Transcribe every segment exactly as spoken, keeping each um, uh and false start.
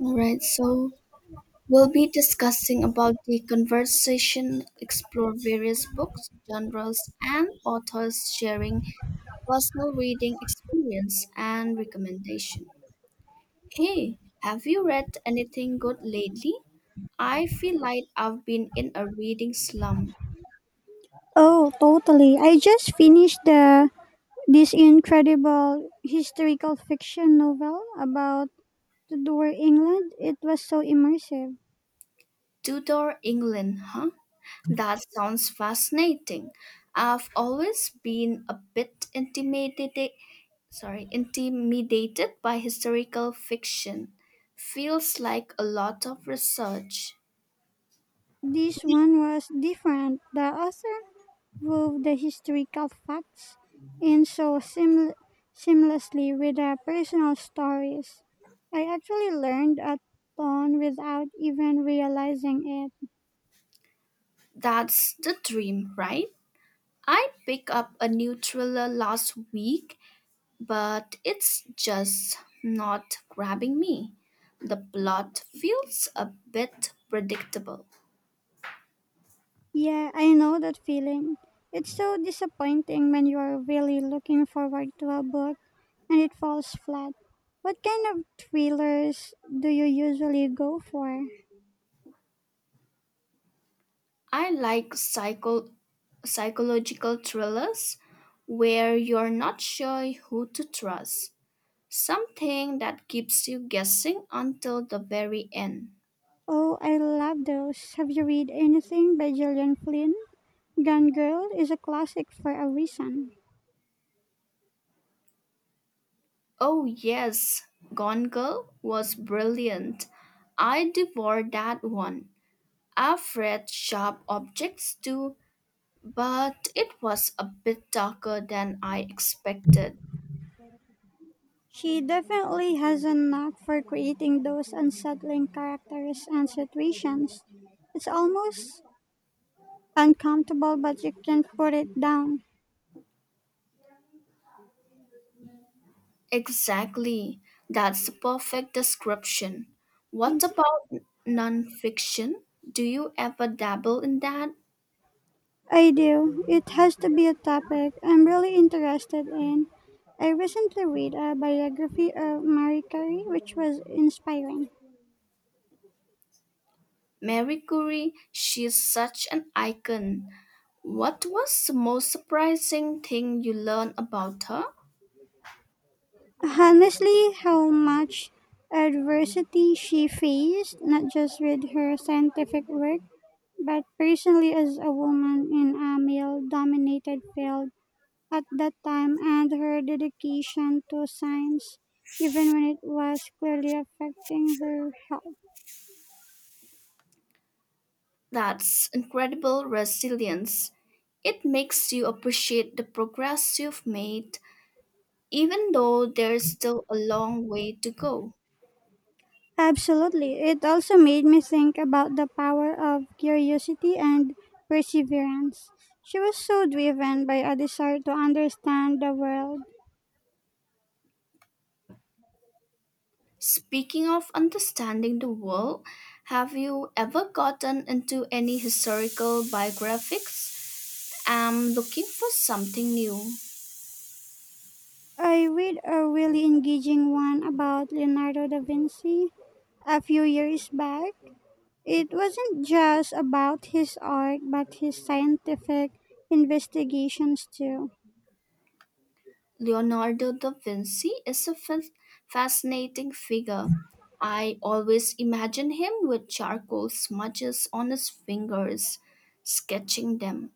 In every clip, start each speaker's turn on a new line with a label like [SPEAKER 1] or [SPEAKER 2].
[SPEAKER 1] All right, so we'll be discussing about the conversation, explore various books, genres, and authors sharing personal reading experience and recommendation. Hey, have you read anything good lately? I feel like I've been in a reading slump.
[SPEAKER 2] Oh, totally. I just finished the this incredible historical fiction novel about Tudor England. It was so immersive.
[SPEAKER 1] Tudor England, huh? That sounds fascinating. I've always been a bit intimidated sorry, intimidated by historical fiction. Feels like a lot of research.
[SPEAKER 2] This one was different. The author wove the historical facts in so seaml- seamlessly with the personal stories. I actually learned a ton without even realizing it.
[SPEAKER 1] That's the dream, right? I picked up a new thriller last week, but it's just not grabbing me. The plot feels a bit predictable.
[SPEAKER 2] Yeah, I know that feeling. It's so disappointing when you are really looking forward to a book and it falls flat. What kind of thrillers do you usually go for?
[SPEAKER 1] I like psycho- psychological thrillers where you're not sure who to trust. Something that keeps you guessing until the very end.
[SPEAKER 2] Oh, I love those. Have you read anything by Gillian Flynn? Gone Girl is a classic for a reason.
[SPEAKER 1] Oh, yes, Gone Girl was brilliant. I devoured that one. I've read Sharp Objects too, but it was a bit darker than I expected.
[SPEAKER 2] She definitely has a knack for creating those unsettling characters and situations. It's almost uncomfortable, but you can't put it down.
[SPEAKER 1] Exactly, that's the perfect description. What about nonfiction? Do you ever dabble in that?
[SPEAKER 2] I do. It has to be a topic I'm really interested in. I recently read a biography of Marie Curie, which was inspiring.
[SPEAKER 1] Mary Curie, she's such an icon. What was the most surprising thing you learned about her?
[SPEAKER 2] Honestly, how much adversity she faced, not just with her scientific work, but personally as a woman in a male dominated field at that time, and her dedication to science, even when it was clearly affecting her health.
[SPEAKER 1] That's incredible resilience. It makes you appreciate the progress you've made, even though there's still a long way to go.
[SPEAKER 2] Absolutely. It also made me think about the power of curiosity and perseverance. She was so driven by a desire to understand the world.
[SPEAKER 1] Speaking of understanding the world, have you ever gotten into any historical biographies? I'm looking for something new.
[SPEAKER 2] I read a really engaging one about Leonardo da Vinci a few years back. It wasn't just about his art, but his scientific investigations too.
[SPEAKER 1] Leonardo da Vinci is a fa- fascinating figure. I always imagine him with charcoal smudges on his fingers, sketching them.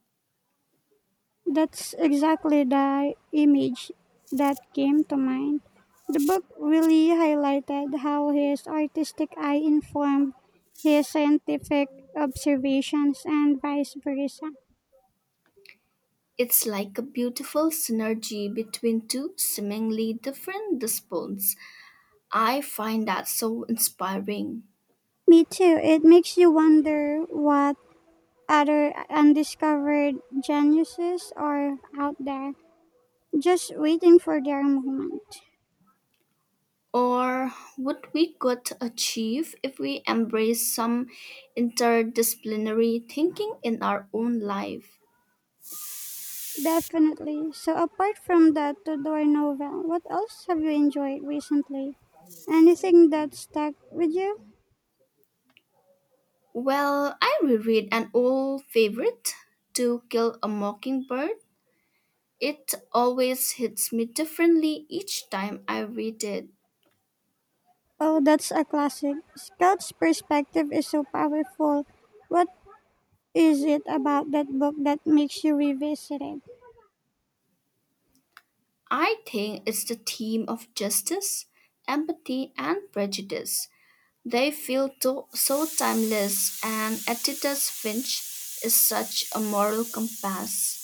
[SPEAKER 2] That's exactly the image that came to mind. The book really highlighted how his artistic eye informed his scientific observations and vice versa.
[SPEAKER 1] It's like a beautiful synergy between two seemingly different disciplines. I find that so inspiring.
[SPEAKER 2] Me too. It makes you wonder what other undiscovered geniuses are out there, just waiting for their moment.
[SPEAKER 1] Or what we could achieve if we embrace some interdisciplinary thinking in our own life.
[SPEAKER 2] Definitely. So, apart from that Todor novel, what else have you enjoyed recently? Anything that stuck with you?
[SPEAKER 1] Well, I reread an old favorite, To Kill a Mockingbird. It always hits me differently each time I read it.
[SPEAKER 2] Oh, that's a classic. Scout's perspective is so powerful. What is it about that book that makes you revisit it?
[SPEAKER 1] I think it's the theme of justice, empathy, and prejudice. They feel to- so timeless, and Atticus Finch is such a moral compass.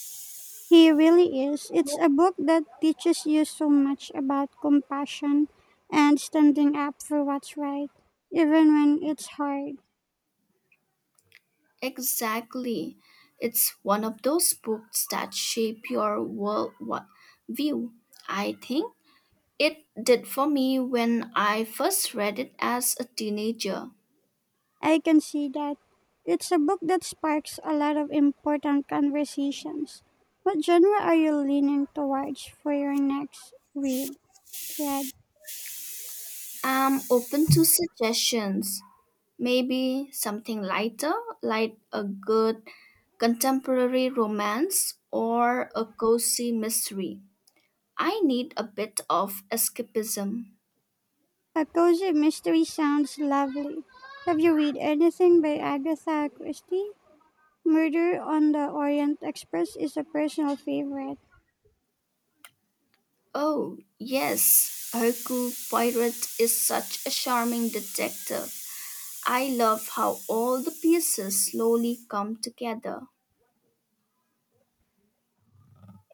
[SPEAKER 2] He really is. It's a book that teaches you so much about compassion and standing up for what's right, even when it's hard.
[SPEAKER 1] Exactly. It's one of those books that shape your world wa- view. I think it did for me when I first read it as a teenager.
[SPEAKER 2] I can see that. It's a book that sparks a lot of important conversations. What genre are you leaning towards for your next read? Read.
[SPEAKER 1] I'm open to suggestions. Maybe something lighter, like a good contemporary romance or a cozy mystery. I need a bit of escapism.
[SPEAKER 2] A cozy mystery sounds lovely. Have you read anything by Agatha Christie? Murder on the Orient Express is a personal favorite.
[SPEAKER 1] Oh, yes, Hercule Poirot is such a charming detective. I love how all the pieces slowly come together.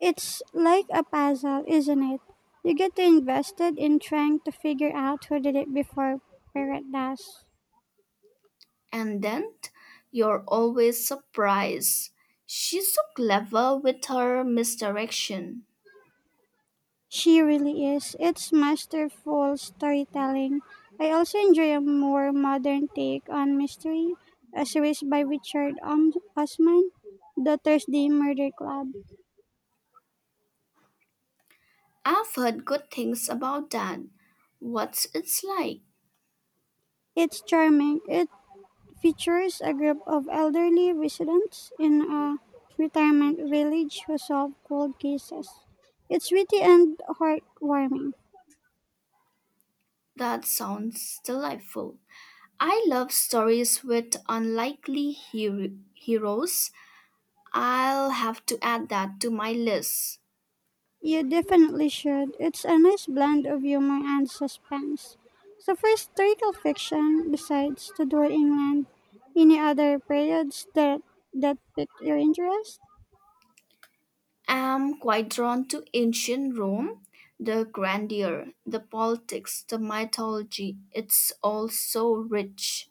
[SPEAKER 2] It's like a puzzle, isn't it? You get invested in trying to figure out who did it before Pirate does.
[SPEAKER 1] And then you're always surprised. She's so clever with her misdirection.
[SPEAKER 2] She really is. It's masterful storytelling. I also enjoy a more modern take on mystery, a series by Richard um- Osman, The Thursday Murder Club.
[SPEAKER 1] I've heard good things about that. What's it's like?
[SPEAKER 2] It's charming. It features a group of elderly residents in a retirement village who solve cold cases. It's witty and heartwarming.
[SPEAKER 1] That sounds delightful. I love stories with unlikely hero- heroes. I'll have to add that to my list.
[SPEAKER 2] You definitely should. It's a nice blend of humor and suspense. So for historical fiction, besides Tudor England, any other periods that that piqued your interest?
[SPEAKER 1] I'm quite drawn to ancient Rome, the grandeur, the politics, the mythology. It's all so rich.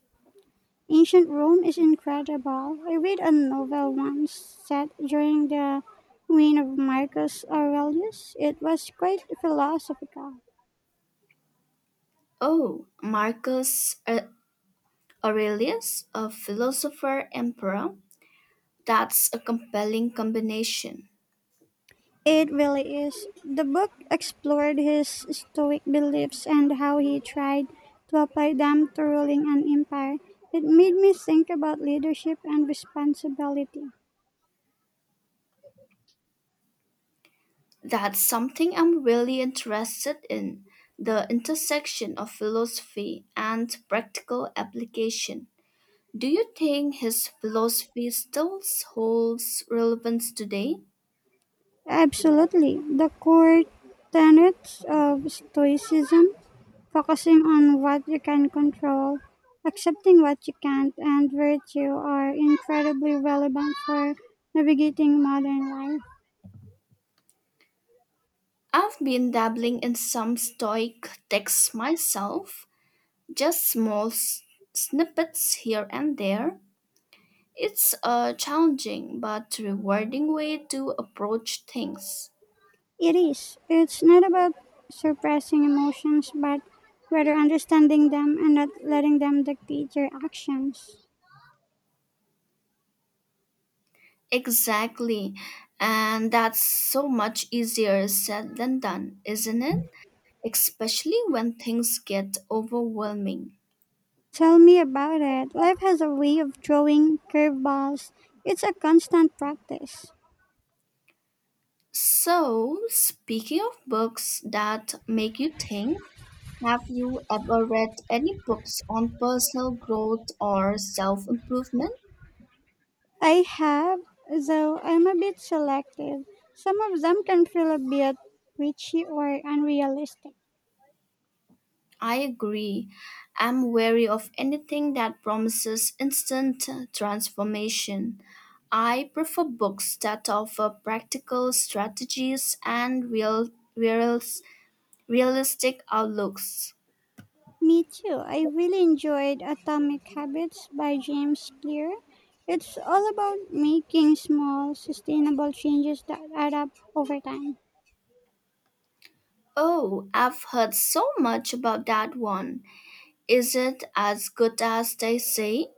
[SPEAKER 2] Ancient Rome is incredible. I read a novel once set during the reign of Marcus Aurelius. It was quite philosophical.
[SPEAKER 1] Oh, Marcus A- Aurelius, a philosopher emperor. That's a compelling combination.
[SPEAKER 2] It really is. The book explored his Stoic beliefs and how he tried to apply them to ruling an empire. It made me think about leadership and responsibility.
[SPEAKER 1] That's something I'm really interested in, the intersection of philosophy and practical application. Do you think his philosophy still holds relevance today?
[SPEAKER 2] Absolutely. The core tenets of Stoicism, focusing on what you can control, accepting what you can't, and virtue, are incredibly relevant for navigating modern life.
[SPEAKER 1] I've been dabbling in some Stoic texts myself, just small s- snippets here and there. It's a challenging but rewarding way to approach things.
[SPEAKER 2] It is. It's not about suppressing emotions, but rather understanding them and not letting them dictate your actions.
[SPEAKER 1] Exactly. And that's so much easier said than done, isn't it? Especially when things get overwhelming.
[SPEAKER 2] Tell me about it. Life has a way of throwing curveballs. It's a constant practice.
[SPEAKER 1] So, speaking of books that make you think, have you ever read any books on personal growth or self improvement?
[SPEAKER 2] I have, though I'm a bit selective. Some of them can feel a bit preachy or unrealistic.
[SPEAKER 1] I agree. I'm wary of anything that promises instant transformation. I prefer books that offer practical strategies and real, real realistic outlooks.
[SPEAKER 2] Me too. I really enjoyed Atomic Habits by James Clear. It's all about making small, sustainable changes that add up over time.
[SPEAKER 1] Oh, I've heard so much about that one. Is it as good as they say?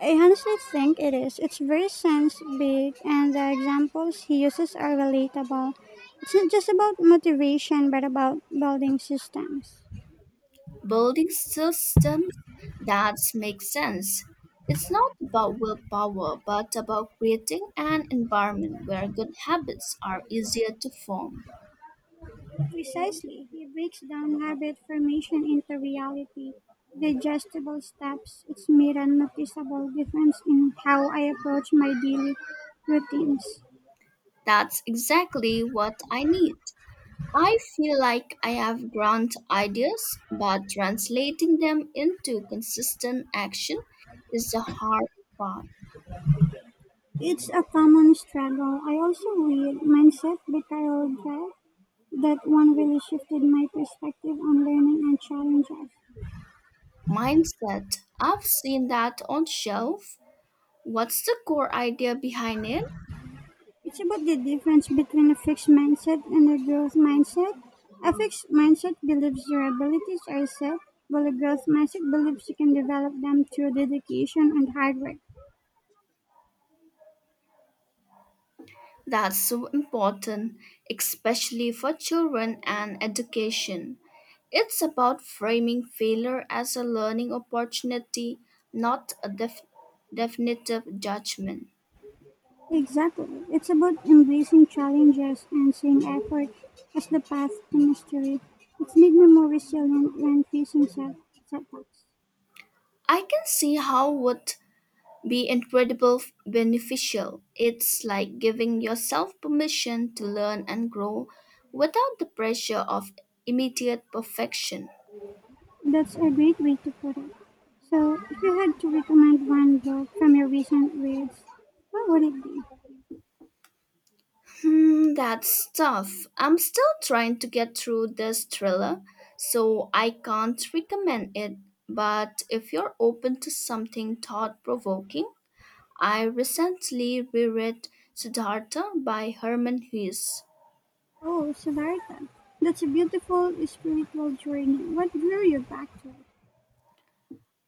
[SPEAKER 2] I honestly think it is. It's very sense big, and the examples he uses are relatable. It's not just about motivation, but about building systems.
[SPEAKER 1] Building systems that make sense. It's not about willpower, but about creating an environment where good habits are easier to form.
[SPEAKER 2] Precisely, he breaks down habit formation into reality, digestible steps. It's made a noticeable difference in how I approach my daily routines.
[SPEAKER 1] That's exactly what I need. I feel like I have grand ideas, but translating them into consistent action is the hard part.
[SPEAKER 2] It's a common struggle. I also read Mindset by Carol Dweck that one really shifted my perspective on learning and challenges.
[SPEAKER 1] Mindset. I've seen that on shelf. What's the core idea behind it?
[SPEAKER 2] It's about the difference between a fixed mindset and a growth mindset. A fixed mindset believes your abilities are set, while a growth mindset believes you can develop them through dedication and hard work.
[SPEAKER 1] That's so important, especially for children and education. It's about framing failure as a learning opportunity, not a def- definitive judgment.
[SPEAKER 2] Exactly. It's about embracing challenges and seeing effort as the path to mastery. It's made me more resilient when facing set- setbacks.
[SPEAKER 1] I can see how would be incredible f- beneficial. It's like giving yourself permission to learn and grow without the pressure of immediate perfection.
[SPEAKER 2] That's a great way to put it. So, if you had to recommend one book from your recent reads, what would it be?
[SPEAKER 1] Hmm, that's tough. I'm still trying to get through this thriller, so I can't recommend it. But if you're open to something thought provoking, I recently reread Siddhartha by Herman Hesse.
[SPEAKER 2] Oh, Siddhartha, that's a beautiful spiritual journey. What drew you back to it?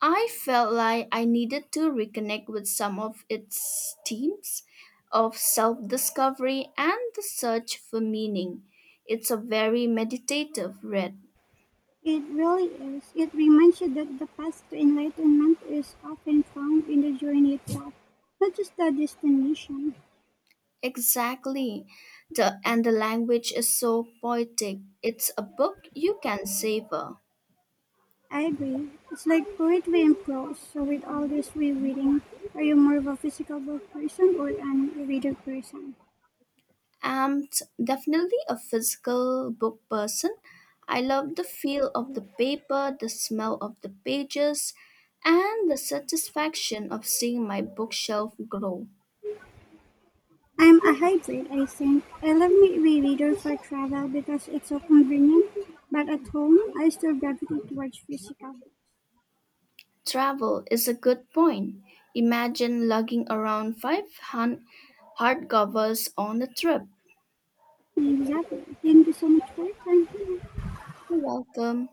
[SPEAKER 1] I felt like I needed to reconnect with some of its themes of self discovery and the search for meaning. It's a very meditative read.
[SPEAKER 2] It really is. It reminds you that the path to enlightenment is often found in the journey itself, not just the destination.
[SPEAKER 1] Exactly. The, and the language is so poetic. It's a book you can savor.
[SPEAKER 2] I agree. It's like poetry and prose. So, with all this rereading, are you more of a physical book person or an reader person?
[SPEAKER 1] I'm t- definitely a physical book person. I love the feel of the paper, the smell of the pages, and the satisfaction of seeing my bookshelf grow.
[SPEAKER 2] I'm a hybrid, I think. I love my rereader for travel because it's so convenient, but at home, I still gravitate towards physical.
[SPEAKER 1] Travel is a good point. Imagine lugging around five hun- hardcovers on a trip.
[SPEAKER 2] Exactly. Thank you so much for your time.
[SPEAKER 1] You're welcome.